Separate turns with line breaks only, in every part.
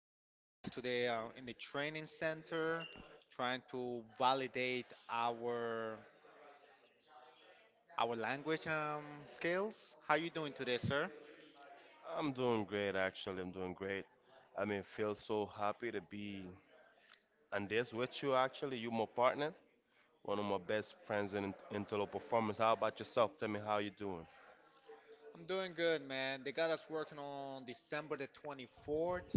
that they got us today in the training center, trying to validate our language skills. How you doing today, sir?
I'm doing great, actually. I'm doing great. I mean, feel so happy to be on this with you, actually. You my partner, one of my best friends in Intelo Performance. How about yourself? Tell me how you doing.
I'm doing good, man. They got us working on December the 24th,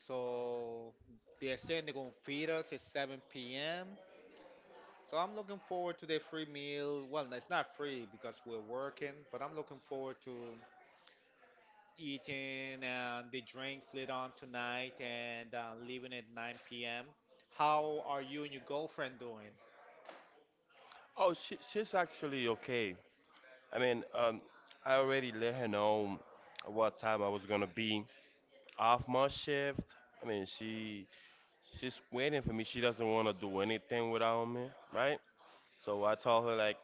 so they're saying they're gonna feed us at 7 p.m. So I'm looking forward to the free meal. Well, it's not free because we're working, but I'm looking forward to eating and the drinks later on tonight and leaving at 9 p.m. How are you and your girlfriend doing?
Oh, she's actually okay. I mean, I already let her know what time I was gonna be off my shift. I mean, she's waiting for me. She doesn't want to do anything without me, right? So I told her like,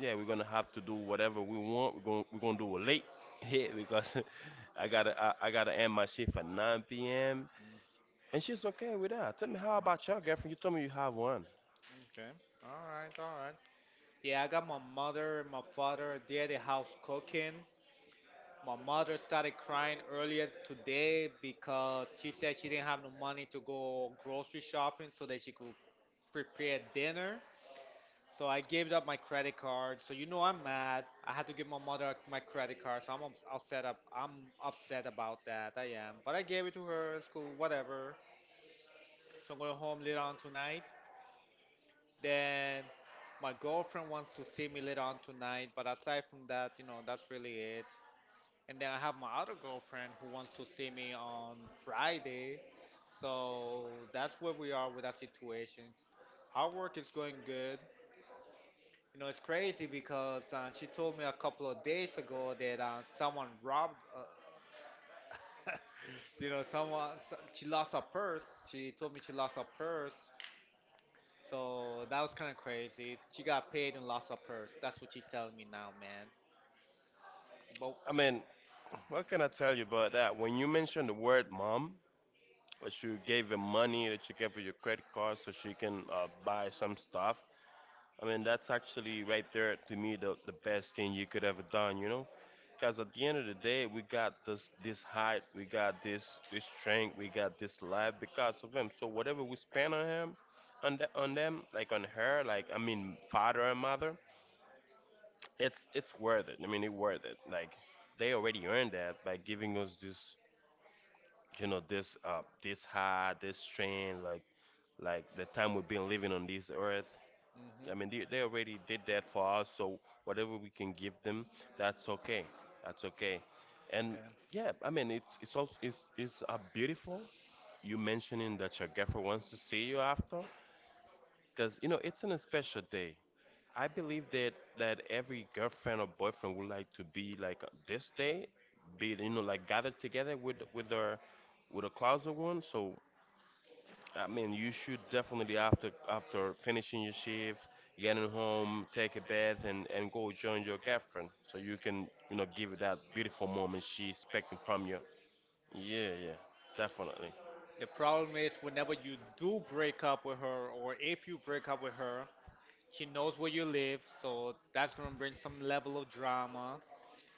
yeah, we're gonna have to do whatever we want. We're gonna do a late hit because I gotta end my shift at 9 p.m. And she's okay with that. Tell me how about your girlfriend? You told me you have one.
Okay. All right. All right. Yeah, I got my mother and my father. They're at the house cooking. My mother started crying earlier today because she said she didn't have no money to go grocery shopping so that she could prepare dinner. So I gave up my credit card. So you know I'm mad. I had to give my mother my credit card. So I'm upset. I'm upset about that. I am. But I gave it to her. It's cool. Whatever. So I'm going home later on tonight. Then my girlfriend wants to see me later on tonight. But aside from that, you know, that's really it. And then I have my other girlfriend who wants to see me on Friday. So that's where we are with that situation. Our work is going good. You know, it's crazy because she told me a couple of days ago that someone robbed, uh, you know, she lost her purse. She told me she lost her purse. So that was kind of crazy. She got paid and lost her purse. That's what she's telling me now, man. But
I mean, what can I tell you about that? When you mentioned the word mom, that you gave her money, that you gave her your credit card so she can buy some stuff, I mean, that's actually right there to me the best thing you could ever done, you know? Because at the end of the day, we got this height, we got this strength, we got this life because of him. So whatever we spend on him, on the, on them, like on her, like I mean, father and mother, it's worth it. I mean, it worth it.
right.
Like they already earned that by giving us this, this this high, this strength, like the time we've been living on this earth. I mean,
Hmm.
they already did that for us, so whatever we can give them, that's okay. That's okay. And
Okay.
yeah, I mean, it's also it's beautiful. You mentioning that your girlfriend wants to see you after, because you know it's an special day. I believe that every girlfriend or boyfriend would like to be like this day, be gathered together with their with a closet one. So I mean, you should definitely after finishing your shift, getting home, take a bath, and go join your girlfriend, so you can give her that beautiful moment she's expecting from you. Yeah, yeah, definitely.
The problem is whenever you do break up with her or if you break up with her, she knows where you live, so that's gonna bring some level of drama.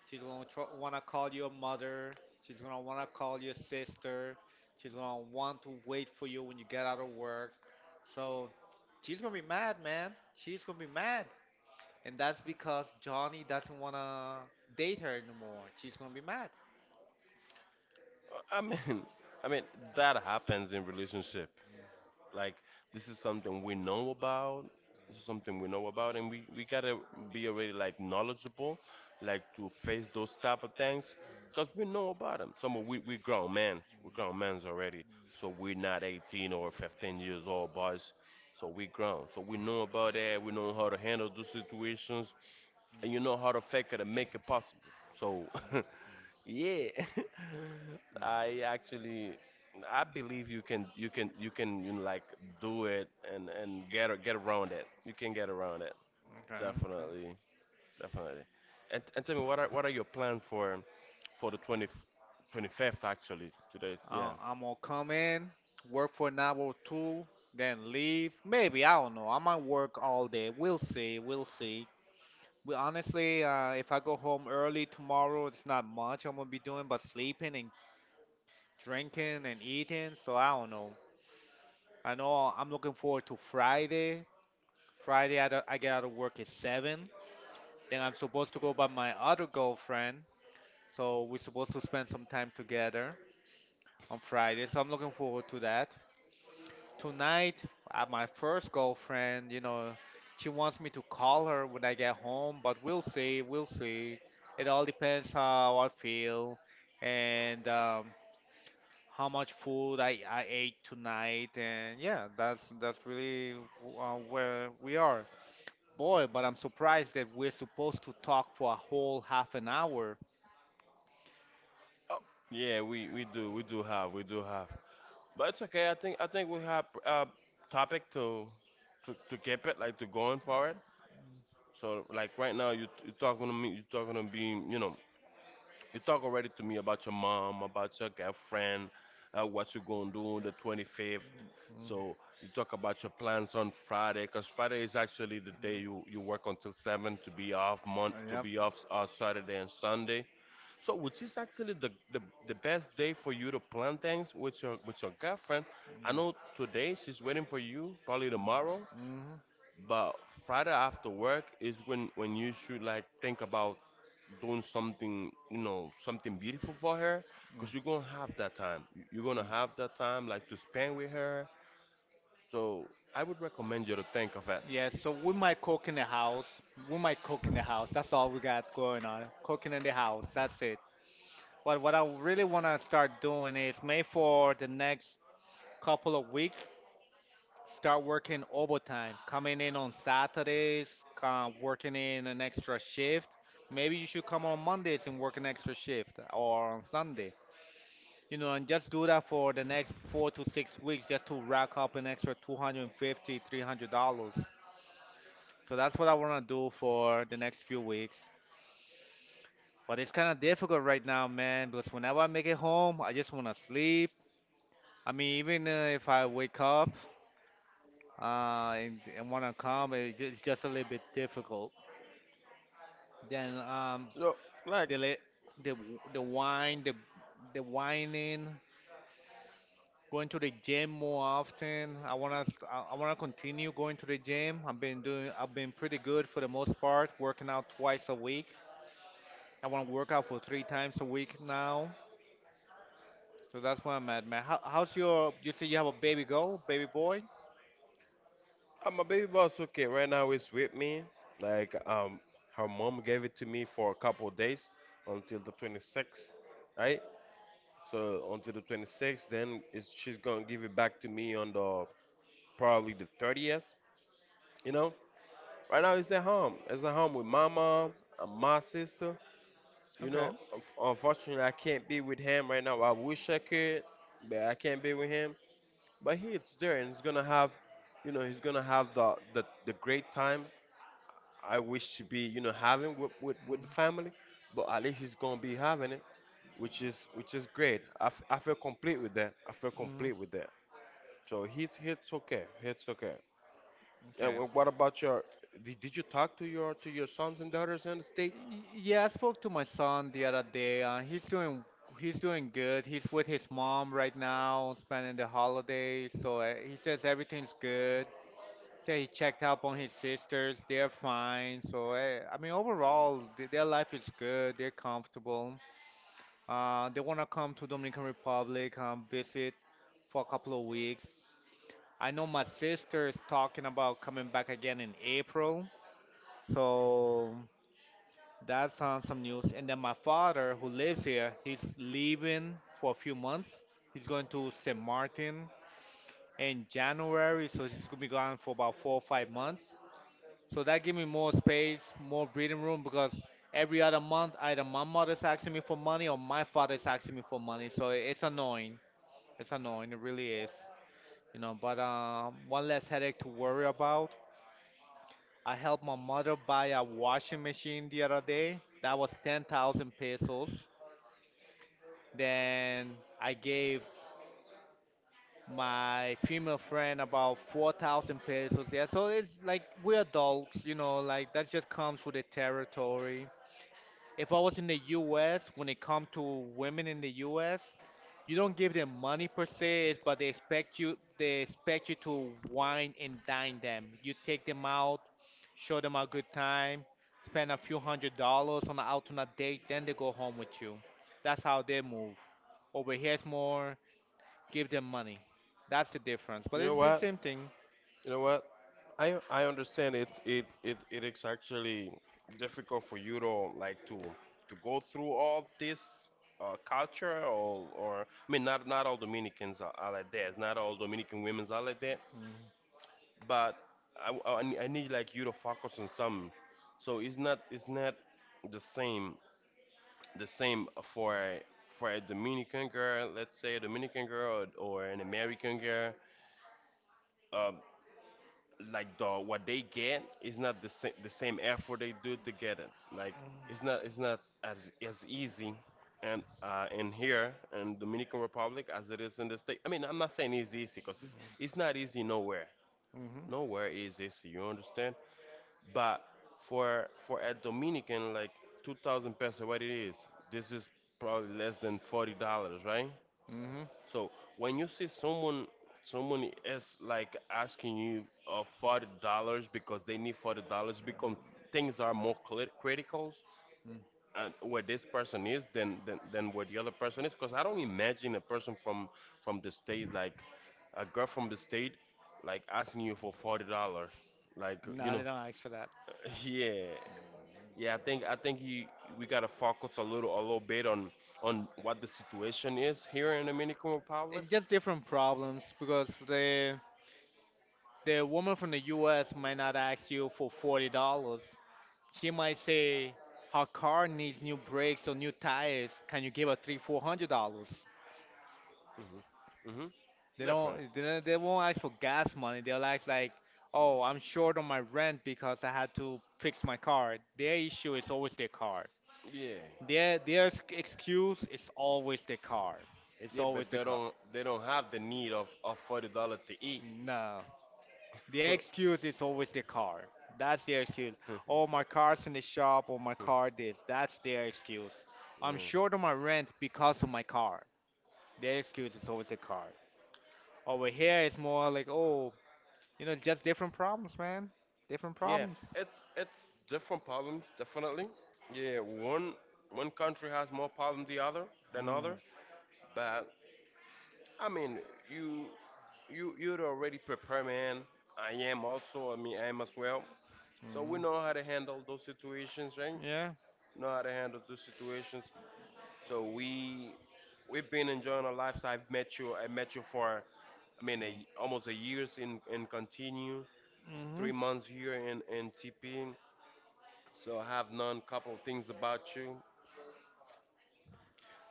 She's gonna wanna call you a mother. She's gonna wanna call you a sister. She's gonna want to wait for you when you get out of work. So she's gonna be mad, man. She's gonna be mad. And that's because Johnny doesn't wanna date her anymore. She's gonna be mad.
I mean, I mean that happens in relationship. Like this is something we know about. This is something we know about, and we gotta be already like knowledgeable, like to face those type of things, cause we know about them. Some of we grown men's already, so we're not 18 or 15 years old boys. So we grown, so we know about that. We know how to handle those situations, and you know how to fake it and make it possible. So. Yeah,
Mm.
I actually I believe you can do it and get around it. You can get around it.
Okay, okay.
Definitely. Definitely. And tell me what are your plans for the twenty twenty fifth actually today? Yeah.
I'm gonna come in, work for an hour or 2, then leave. Maybe, I don't know. I might work all day. We'll see. We honestly, if I go home early tomorrow, it's not much I'm gonna be doing but sleeping and drinking and eating. So I don't know. I know I'm looking forward to Friday. Friday, I get out of work at 7. Then I'm supposed to go by my other girlfriend. So we're supposed to spend some time together on Friday. So I'm looking forward to that. Tonight, my first girlfriend, you know, she wants me to call her when I get home, but we'll see. It all depends how I feel and how much food I ate tonight, and yeah, that's really where we are. Boy, but I'm surprised that we're supposed to talk for a whole half an hour.
Oh, yeah, we do. We do have. We do have. But it's okay. I think we have a topic to keep it like to going for it. So like right now you talking to me you know You talk already to me about your mom, about your girlfriend, what you gonna do on the 25th. So you talk about your plans on Friday, cause Friday is actually the day you work until seven to be off month to
Yep.
be off Saturday and Sunday. So which is actually the best day for you to plan things with your girlfriend. I know today she's waiting for you, probably tomorrow.
Hmm.
But Friday after work is when you should like think about doing something, something beautiful for her, cause you're gonna have that time. You're gonna have that time like to spend with her. So I would recommend you to think of it.
Yeah, so we might cook in the house. We might cook in the house. That's all we got going on. Cooking in the house. That's it. But what I really want to start doing is maybe for the next couple of weeks, start working overtime. Coming in on Saturdays, come working in an extra shift. Maybe you should come on Mondays and work an extra shift or on Sunday. You know, and just do that for the next 4 to 6 weeks just to rack up an extra 250, $300. So that's what I want to do for the next few weeks. But it's kind of difficult right now, man, because whenever I make it home, I just want to sleep. I mean, even if I wake up and want to come, it's just a little bit difficult. Then
So like
the le- the wine, the whining, going to the gym more often. I wanna continue going to the gym. I've been pretty good for the most part, working out 2 times a week. I wanna work out for 3 times a week now. So that's where I'm at, man. How's your? You say you have a baby girl, baby boy.
my baby boss, so okay, right now is with me. Like her mom gave it to me for a couple of days until the 26th, right? So until the 26th, then she's gonna give it back to me on the probably the 30th. You know, right now it's at home. It's at home with my mom and my sister. You
Okay.
know, unfortunately, I can't be with him right now. I wish I could, but I can't be with him. But he is there, and he's gonna have the great time I wish to be, having with the family. But at least he's gonna be having it, which is great. I feel complete with that. I feel
Mm-hmm.
complete with that. So he's it's okay. It's okay. And
Okay.
what about your? Did you talk to your sons and daughters in the state?
Yeah, I spoke to my son the other day. He's doing good. He's with his mom right now, spending the holidays. So he says everything's good. Say he checked up on his sisters. They're fine. So I mean, overall, th their life is good. They're comfortable. They wanna come to Dominican Republic, visit for a couple of weeks. I know my sister is talking about coming back again in April, so that's on some news. And then my father, who lives here, he's leaving for a few months. He's going to St. Martin in January, so he's gonna be gone for about 4 or 5 months. So that gave me more space, more breathing room because every other month either my mother's asking me for money or my father's asking me for money. So it's annoying. It's annoying. It really is. You know, but one less headache to worry about. I helped my mother buy a washing machine the other day. That was 10,000 pesos. Then I gave my female friend about 4,000 pesos. Yeah, so it's like we're adults, you know, like that just comes with the territory. If I was in the US, when it comes to women in the US, you don't give them money per se, but they expect you to wine and dine them. You take them out, show them a good time, spend a few $100s on an out on a date, then they go home with you. That's how they move. Over here it's more give them money. That's the difference.
You
But
know
it's the
what?
same thing.
You know what? I understand it's it it it is actually difficult for you to like to go through all this culture or I mean not all Dominicans are like that. Not all Dominican women's are like that. But I need like you to focus on something. So it's not the same the same for a Dominican girl, let's say a Dominican girl or an American girl. Um, like the what they get is not the same effort they do to get it. Like it's not as easy and in here in Dominican Republic as it is in the state. I mean, I'm not saying it's easy because it's not easy nowhere.
Mhm.
Nowhere is easy. You understand? But for a Dominican, like 2,000 pesos, what it is, this is probably less than $40, right?
Mhm.
So when you see someone is like asking you $40 because they need $40 because things are more critical
Mm.
and where this person is than where the other person is because I don't imagine a person from the state like a girl from the state like asking you for $40 like you
No, they
know
don't ask for that.
yeah, yeah, I think you we gotta focus a little bit on what the situation is here in the Dominican Republic.
It's just different problems because the woman from the U.S. might not ask you for $40. She might say, "Her car needs new brakes or new tires. Can you give her three, $400?"
Mm-hmm.
They
Definitely.
don't. They won't ask for gas money. They'll ask like, "Oh, I'm short on my rent because I had to fix my car." Their issue is always their car.
Yeah,
Their excuse is always the car. It's
yeah,
always
but
the
they
car.
don't they don't have the need of $40 to eat.
No, their excuse is always the car. That's their excuse. Oh, my car's in the shop, or my car this. That's their excuse. I'm short on my rent
Yeah.
because of my car. Their excuse is always the car. Over here, it's more like, oh, you know, just different problems, man. Different
Yeah,
problems.
it's different problems, definitely. Yeah, one country has more problem the other than
Mm-hmm.
other, but I mean, you you are already prepared, man. I am also, I mean, I am as well. So we know how to handle those situations, right?
Yeah.
Know how to handle those situations. So we've been enjoying our lives. I've met you. I met you for, I mean, almost a years in continue,
Mm-hmm.
3 months here in TP. So I have none. Couple of things about you.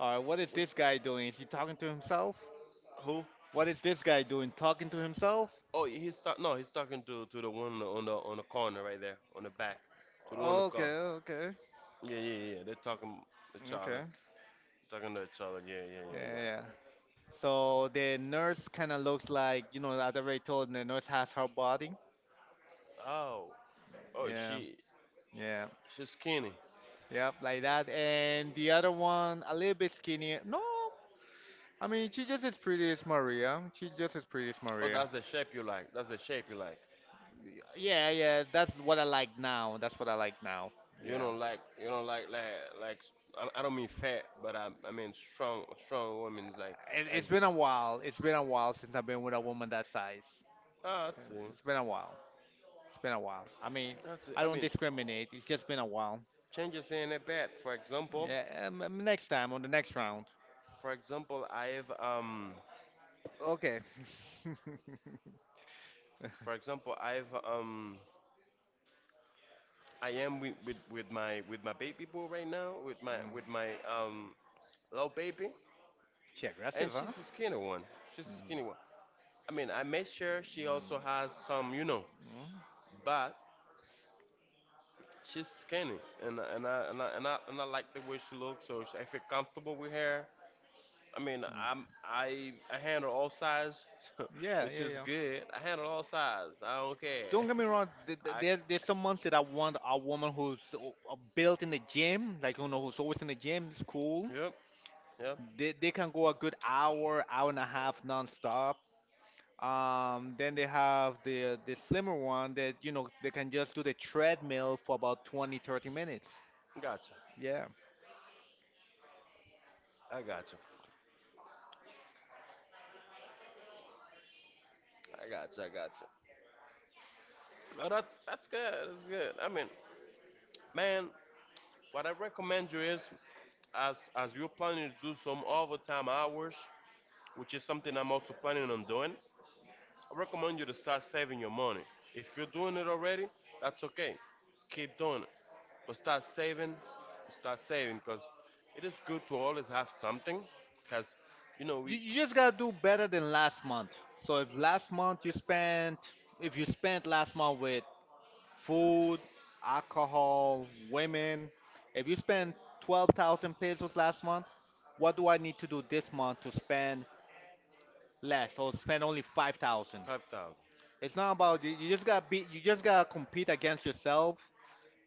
All right, what is this guy doing? Is he talking to himself?
Who?
What is this guy doing? Talking to himself?
Oh, he's talk. No, he's talking to the one on the corner right there, on the back, to the one on the
Okay,
car.
okay,
Yeah, yeah, yeah. They're talking to each other,
okay.
talking to each other. Yeah, yeah, yeah,
Yeah,
yeah.
yeah. So the nurse kind of looks like, you know, as I already told, the nurse has her body.
Oh, oh,
Yeah,
she
yeah,
she's skinny.
yep, like that. And the other one, a little bit skinnier. No, I mean, she just as pretty as Maria. She's just as pretty as
Oh,
Maria.
that's the shape you like. That's the shape you like.
Yeah, yeah, that's what I like now. That's what I like now.
You
Yeah.
don't like, you don't like, like, like. I don't mean fat, but I mean strong women's like, like.
It's been a while. It's been a while since I've been with a woman that size.
Ah, I
Uh,
see.
It's been a while. It's been a while. I mean,
I see.
I
I
don't
mean,
discriminate. It's just been a while.
changes in a bed. For example,
Yeah, next time on the next round.
for example, I've um,
Okay.
for example, I've um, I am with, my baby boy right now with my little baby,
She
and
aggressive,
she's
huh?
a skinny one. She's a skinny one. I mean, I make sure she also has some,
Mm.
but she's skinny, and I like the way she looks, so I feel comfortable with her. I mean,
Mm.
I handle all sides,
Yeah,
which
yeah,
is
yeah.
good. I handle all sides. I don't care.
Don't get me wrong.
I
There's some months that I want a woman who's built in the gym, like you know, who's always in the gym. It's cool.
yep yep.
They can go a good hour, hour and a half nonstop. Then they have the slimmer one that you know they can just do the treadmill for about 20, 30 minutes.
Gotcha.
Yeah,
I gotcha. I gotcha. I gotcha. Oh, that's good. That's good. I mean, man, what I recommend you is, as you're planning to do some overtime hours, which is something I'm also planning on doing. I recommend you to start saving your money. If you're doing it already, that's okay. Keep doing it. But start saving because it is good to always have something because you know we
you just gotta do better than last month. So if last month you spent, if you spent last month with food, alcohol, women. If you spend 12,000 pesos last month, what do I need to do this month to spend less or spend only 5,000?
5,000.
It's not about you just got to be you just got to compete against yourself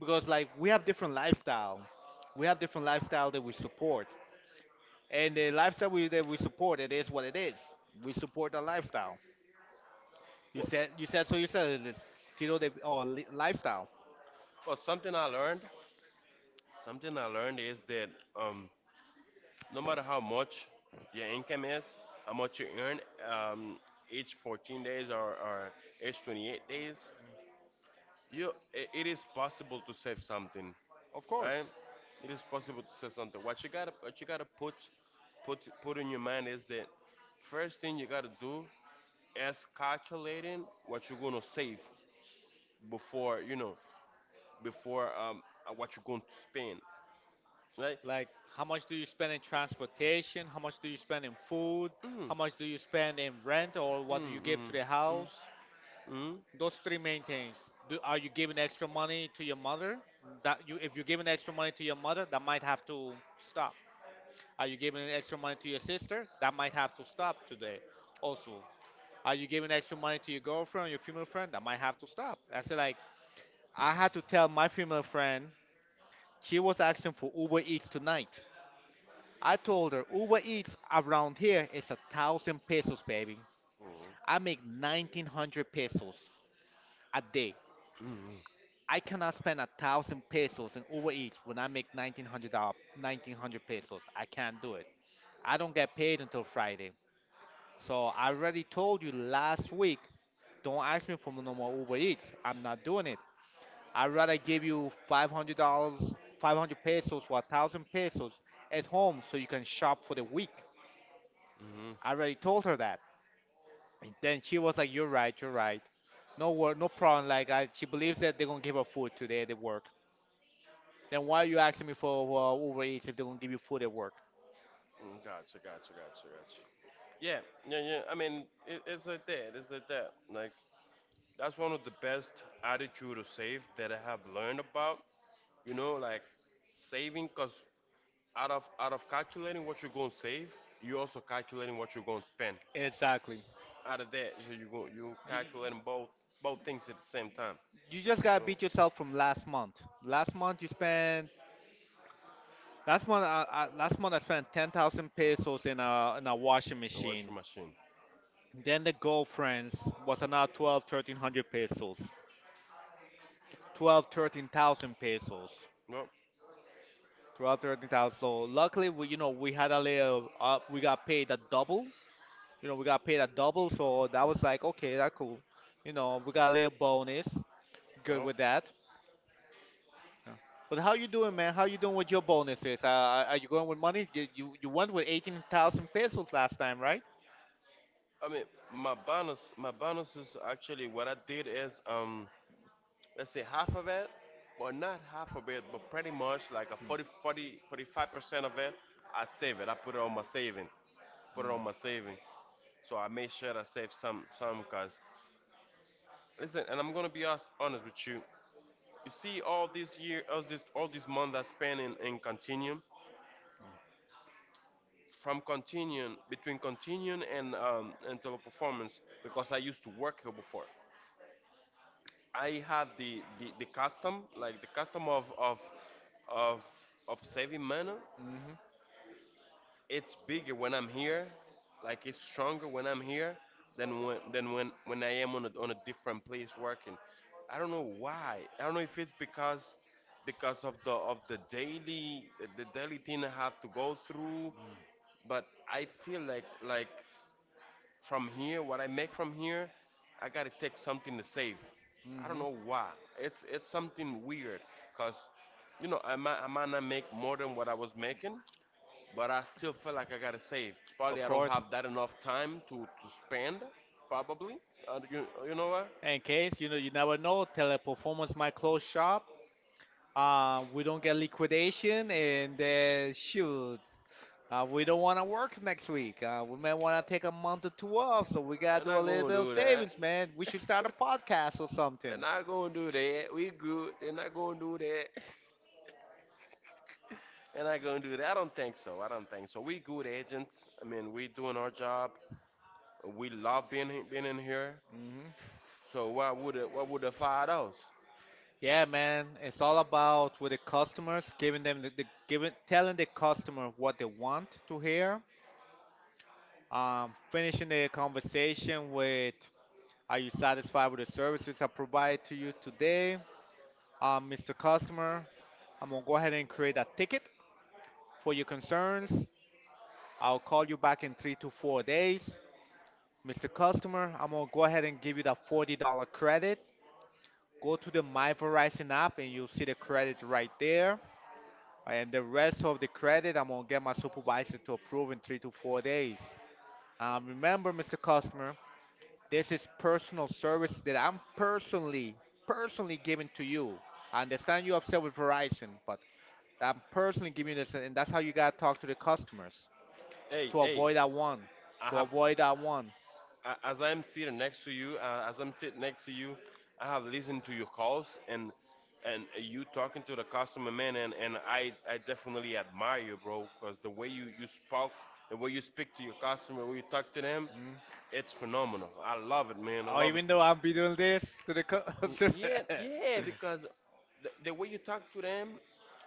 because like we have different lifestyle. We have different lifestyle that we support. And the lifestyle that we support it is what it is. We support the lifestyle.
Well,
You said it's still the lifestyle.
well, something I learned is that um, no matter how much your income is, how much you earn um, each 14 days or each 28 days, it is possible to save something,
Of
right?
course.
It is possible to say something. What you gotta put in your mind is that first thing you gotta do is calculating what you're gonna save before you know before what you're going to spend. Like.
Like, how much do you spend in transportation? How much do you spend in food?
Mm,
How much do you spend in rent or what do you give to
mm,
the
mm,
house?
mm, mm,
Those three main things. Are you giving extra money to your mother? If you're giving extra money to your mother, that might have to stop. Are you giving extra money to your sister? That might have to stop today. Also, are you giving extra money to your girlfriend, your female friend? That might have to stop. I said, like, I had to tell my female friend she was asking for Uber Eats tonight. I told her Uber Eats around here is a thousand pesos, baby.
mm,
I make 1,900 pesos a day.
mm, mm,
I cannot spend a thousand pesos in Uber Eats when I make $1,900, 1,900 pesos. I can't do it. I don't get paid until Friday. So I already told you last week. Don't ask me for no more Uber Eats. I'm not doing it. I'd rather give you $500, 500 pesos, or a thousand pesos at home so you can shop for the week.
mm.
I already told her that. And then she was like, "You're right, you're right. No work, no problem." Like I, she believes that they're gonna give her food today at the work. Then why are you asking me for Uber Eats if they're gonna give you food at work?
Gotcha, gotcha, gotcha, gotcha. Yeah, yeah, yeah. I mean, it's like that. It's like that. Like that's one of the best attitude to save that I have learned about. You know, like saving, cause out of calculating what you're gonna save, you also calculating what you're gonna spend.
Exactly.
Out of that, so you calculating both things at the same time.
You just gotta
So,
beat yourself from last month. Last month you spent. Last month I spent 10,000 pesos in a washing
a washing
machine.
machine.
Then the girlfriends was another 12, 1,300 pesos. 12, 13,000 pesos.
No,
12, 13,000. So luckily, we you know we had a little. We got paid a double. You know, we got paid at double, so that was like, okay, that cool. You know, we got a little bonus. Good
no.
with that. Yeah. But how you doing, man? How you doing with your bonuses? Are you going with money? You went with 18,000 pesos last time, right?
I mean, my bonus is actually what I did is let's say half of it, but not half of it, but pretty much like a 40, 40, 45% of it, I save it. I put it on my saving, put it on my saving. So I made sure I save some, cause, listen, and I'm gonna be honest with you. You see, all this year, all this month I spent in Continuum, from Continuum, between Continuum and Teleperformance, because I used to work here before. I have the custom, like the custom of of saving money.
Mm-hmm.
It's bigger when I'm here, like it's stronger when I'm here than when I am on a different place working. I don't know why. I don't know if it's because of the daily thing I have to go through, but I feel like from here, what I make from here, I gotta take something to save. I don't
Mm-hmm.
know why. It's something weird, cause, you know, I might not make more than what I was making, but I still feel like I gotta save. Probably
Of
I don't
course.
have that enough time to spend, probably. And, you know what?
In case, you know, you never know, Teleperformance might close shop. We don't get liquidation, and then shoot. We don't want to work next week. We may want to take a month or two off, so we gotta
They're
do a
not
little
gonna
bit of
do that.
savings, man. We should start a podcast or
They're
something.
not gonna do that. We good. They're not gonna do that. They're not gonna do that. I don't think so. I don't think so. We good agents. I mean, we doing our job. We love being being in here.
Hmm.
So why would the fire us?
Yeah, man, it's all about with the customers, giving them the giving, telling the customer what they want to hear. Finishing the conversation with, "Are you satisfied with the services I provided to you today, Mr. Customer? I'm gonna go ahead and create a ticket for your concerns. I'll call you back in 3 to 4 days, Mr. Customer. I'm gonna go ahead and give you the $40 credit. Go to the My Verizon app and you'll see the credit right there. And the rest of the credit, I'm gonna get my supervisor to approve in 3 to 4 days. Remember, Mr. Customer, this is personal service that I'm personally giving to you. I understand you're upset with Verizon, but I'm personally giving you this," and that's how you gotta talk to the customers
Hey,
to
hey,
avoid that one,
I
to
have
avoid that one.
as I'm sitting next to you, as I'm sitting next to you, I have listened to your calls and you talking to the customer, man, and I definitely admire you, bro, because the way you spoke, the way you speak to your customer, the way you talk to them, it's phenomenal. I love it, man. I
Oh,
love it.
even though I'm be doing this to the co-
Mm.
to-
Yeah, yeah, because the way you talk to them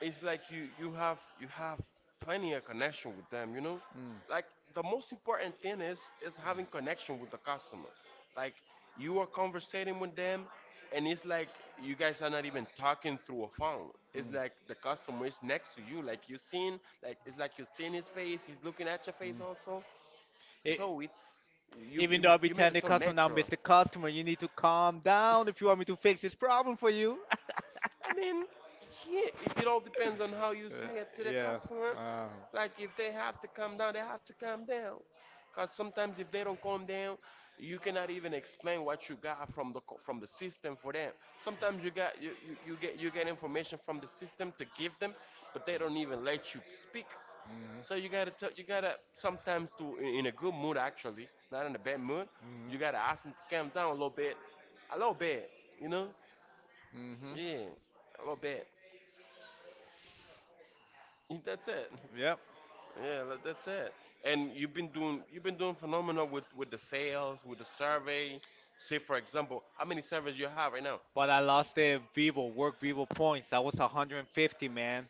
is like you have plenty of connection with them, you know?
Mm,
Like the most important thing is having connection with the customer. Like you are conversating with them, and it's like you guys are not even talking through a phone. It's
mm.
like the customer is next to you, like you're seeing, like it's like you're seeing his face, he's looking at your face
Mm.
also.
E-
So it's you you
even though I be
you made
telling
it
the
so
customer now,
natural.
Mr. Customer, you need to calm down if you want me to fix this problem for you.
I mean, yeah, it all depends on how you
Uh,
say it to the
yeah.
customer.
Uh,
Like if they have to come down, they have to come down. Cause sometimes if they don't come down, you cannot even explain what you got from the system for them. Sometimes you got you, you, you get information from the system to give them, but they don't even let you speak. So you
hmm
gotta tell you gotta sometimes to in a good mood actually, not in a bad mood. You gotta ask them to calm down a little bit, you know?
hmm hmm
Yeah, a little bit. That's it.
Yep.
Yeah, like, that's it. And you've been doing phenomenal with the sales, with the survey. Say, for example, how many surveys you have right now?
But I lost the Vivo, Work Vivo points. That was 150, man.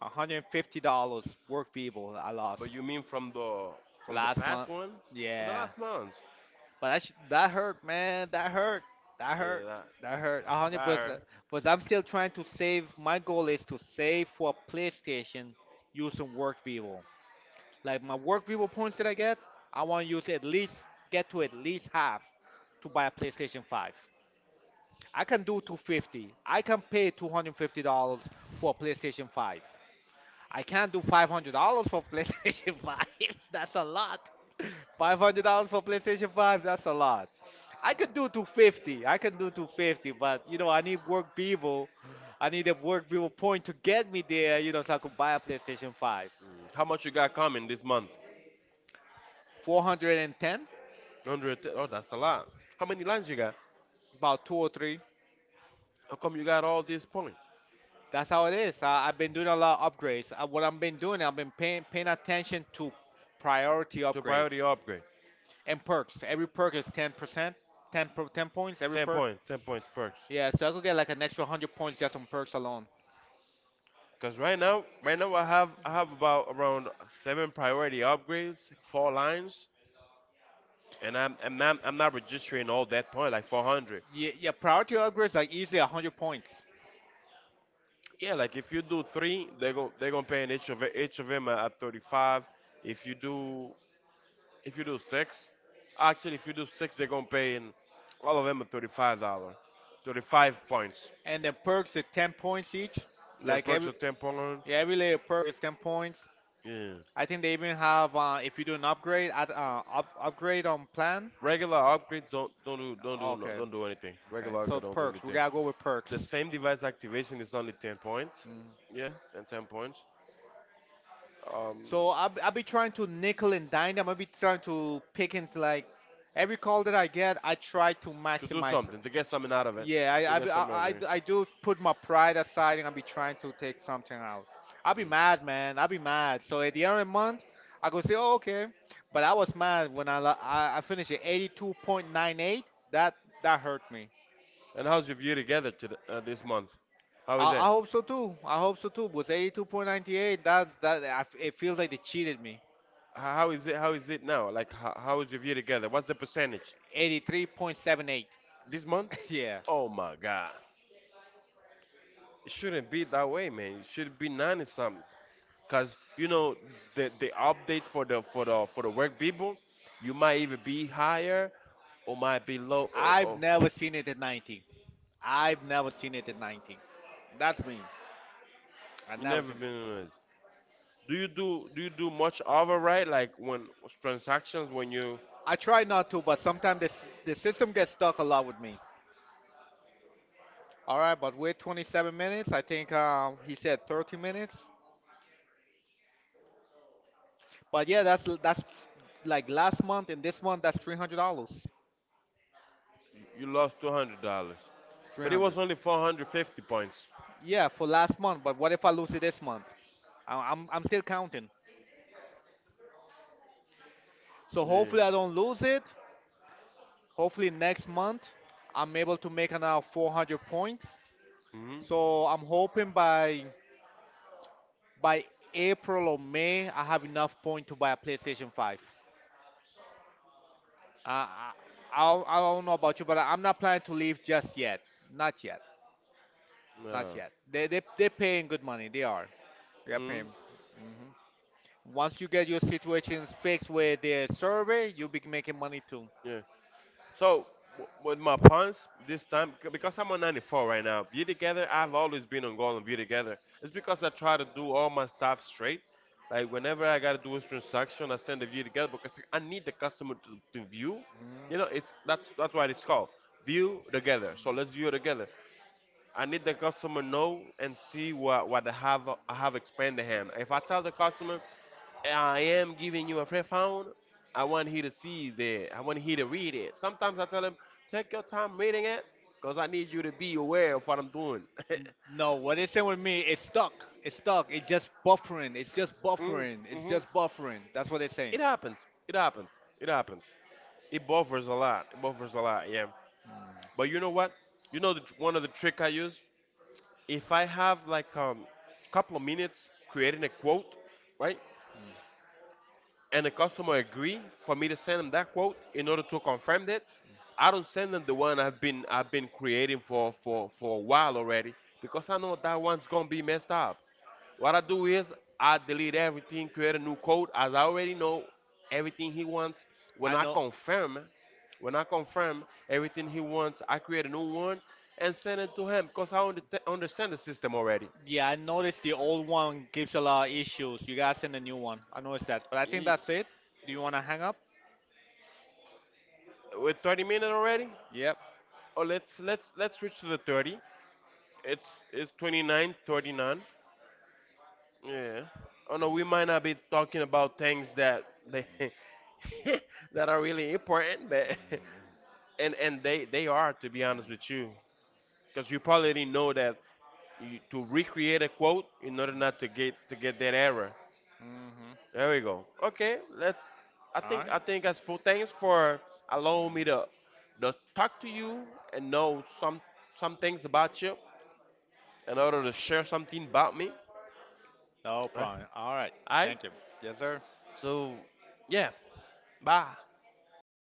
$150 Work Vivo I lost.
But you mean from the
Last
past
month.
one, from the
Yeah.
last month?
That hurt, man. That hurt. That
Yeah,
hurt.
that
That hurt. A hundred
that hurt.
was I'm still trying to save. My goal is to save for PlayStation using Work Vivo. Like my Work Vivo points that I get, I want to use at least get to at least half to buy a PlayStation 5. I can do 250. I can pay $250 for a PlayStation 5. I can't do $500 for PlayStation Five. That's a lot. $500 for PlayStation Five. That's a lot. I could do 250. I can do 250, but you know I need work people. I need a work people point to get me there. You know, so I could buy a PlayStation Five.
How much you got coming this month?
410,
Hundred. Oh, that's a lot. How many lines you got?
about two or three.
How come you got all this point
That's how it is. I've been doing a lot of upgrades. What I've been doing, I've been paying attention to priority
to
upgrades
priority upgrade?
and perks. Every perk is 10%, 10 points. Every
Ten
perk.
point, 10 points perks.
Yeah, so I could get like an extra 100 points just on perks alone.
Cause right now, I have about around seven priority upgrades, four lines, and I'm not registering all that point like 400.
Yeah, yeah priority upgrades like easily 100 points.
Yeah, like if you do three, they're gonna pay an each of them at 35. If you do if you do six, actually if you do six, they're gonna pay in all of them at $35, 35 points.
And then perks at 10 points each.
They'll
Like
perks
every
are 10 point.
yeah, every layer perk is 10 points.
Yeah,
I think they even have if you do an upgrade at upgrade on plan.
regular upgrades don't don't do don't do no,
Okay,
don't do anything.
okay.
Regular
So
upgrade don't do
perks, we
anything.
gotta go with
The
perks.
same device activation is only 10 points.
Mm.
Yes, and 10 points. Um,
So I'll be trying to nickel and dime them. I'll be trying to pick into like every call that I get. I try to
to do
maximize.
something, to get something out of it.
Yeah,
To
I,
get
be-
something out of it.
I do put my pride aside and I'll be trying to take something out. I'll be mad, man. I'll be mad. So at the end of the month, I could say, oh, okay. But I was mad when I finished at 82.98. That that hurt me.
And how's your View Together this month? How is it?
I hope so too. I hope so too. Was 82.98. That's that. I f it feels like they cheated me.
How is it? How is it now? Like, how is your View Together? What's the percentage
83.78.
this month?
Yeah,
Oh my God! It shouldn't be that way, man. It should be 90 something. Cause, you know, the update for the work people, you might either be higher or might be low. Or,
I've
or
never seen it at 90. I've never seen it at 90. That's me. I
you
never
never
seen.
been on it. Do you do much override, like when transactions, when you
I try not to, but sometimes this the system gets stuck a lot with me. All right, but we 27 minutes. I think he said 30 minutes. But yeah, that's like last month and this month. That's $300.
you lost $200, but it
300.
was only 450 points.
Yeah, for last month. But what if I lose it this month? I'm still counting. So
Yeah.
hopefully I don't lose it. Hopefully next month I'm able to make another 400 points.
Mhm.
So I'm hoping by April or May I have enough point to buy a PlayStation 5. Uh, I, I don't know about you, but I'm not planning to leave just yet. Not yet.
Yeah.
Not yet. They they're paying good money. They are. They are paying.
Mhm.
Hmm. Once you get your situations fixed with the survey, you'll be making money too.
Yeah. So with my puns this time, because I'm on 94 right now, View Together. I've always been on goal and View Together. It's because I try to do all my stuff straight. Like whenever I gotta do a transaction, I send the View Together because, like, I need the customer to view. You know, it's that's why it's called View Together. So let's view it together. I need the customer know and see what I have expanded him. If I tell the customer, I am giving you a free phone, I want he to see that. I want he to read it. Sometimes I tell him, take your time reading it, cause I need you to be aware of what I'm doing.
Mhm. No, what they saying with me, it's stuck. It's stuck. It's just buffering. It's just
Mm,
buffering. It's
hmm.
just buffering. That's what they're saying.
It happens. It happens. It happens. It buffers a lot. It buffers a lot. Yeah. But you know what? You know, one of the trick I use if I have like a couple of minutes creating a quote, right, and the customer agree for me to send them that quote in order to confirm that, I don't send them the one I've been creating for a while already, because I know that one's gonna be messed up. What I do is I delete everything, create a new code, as I already know everything he wants. When
I
I
know.
confirm, when I confirm, everything he wants, I create a new one and send it to him because I understand the system already.
Yeah, I noticed the old one gives a lot of issues. You gotta send a new one. I noticed that. But I think
Ye-
that's it. Do you wanna hang up?
We're 30 minutes already.
Yep.
Oh, let's reach to the 30. It's it's 29, 39. Yeah. Oh no, we might not be talking about things that they that are really important, but and they are, to be honest with you, because you probably didn't know that to recreate a quote in order not to get that error.
Mm-hmm.
There we go. Okay, let's. I
All
think
right.
I think that's cool. Thanks for allowing me to talk to you and know some things about you in order to share something about me.
No
Right.
problem. All right.
All right.
Thank you. Yes, sir.
So, yeah. Bye.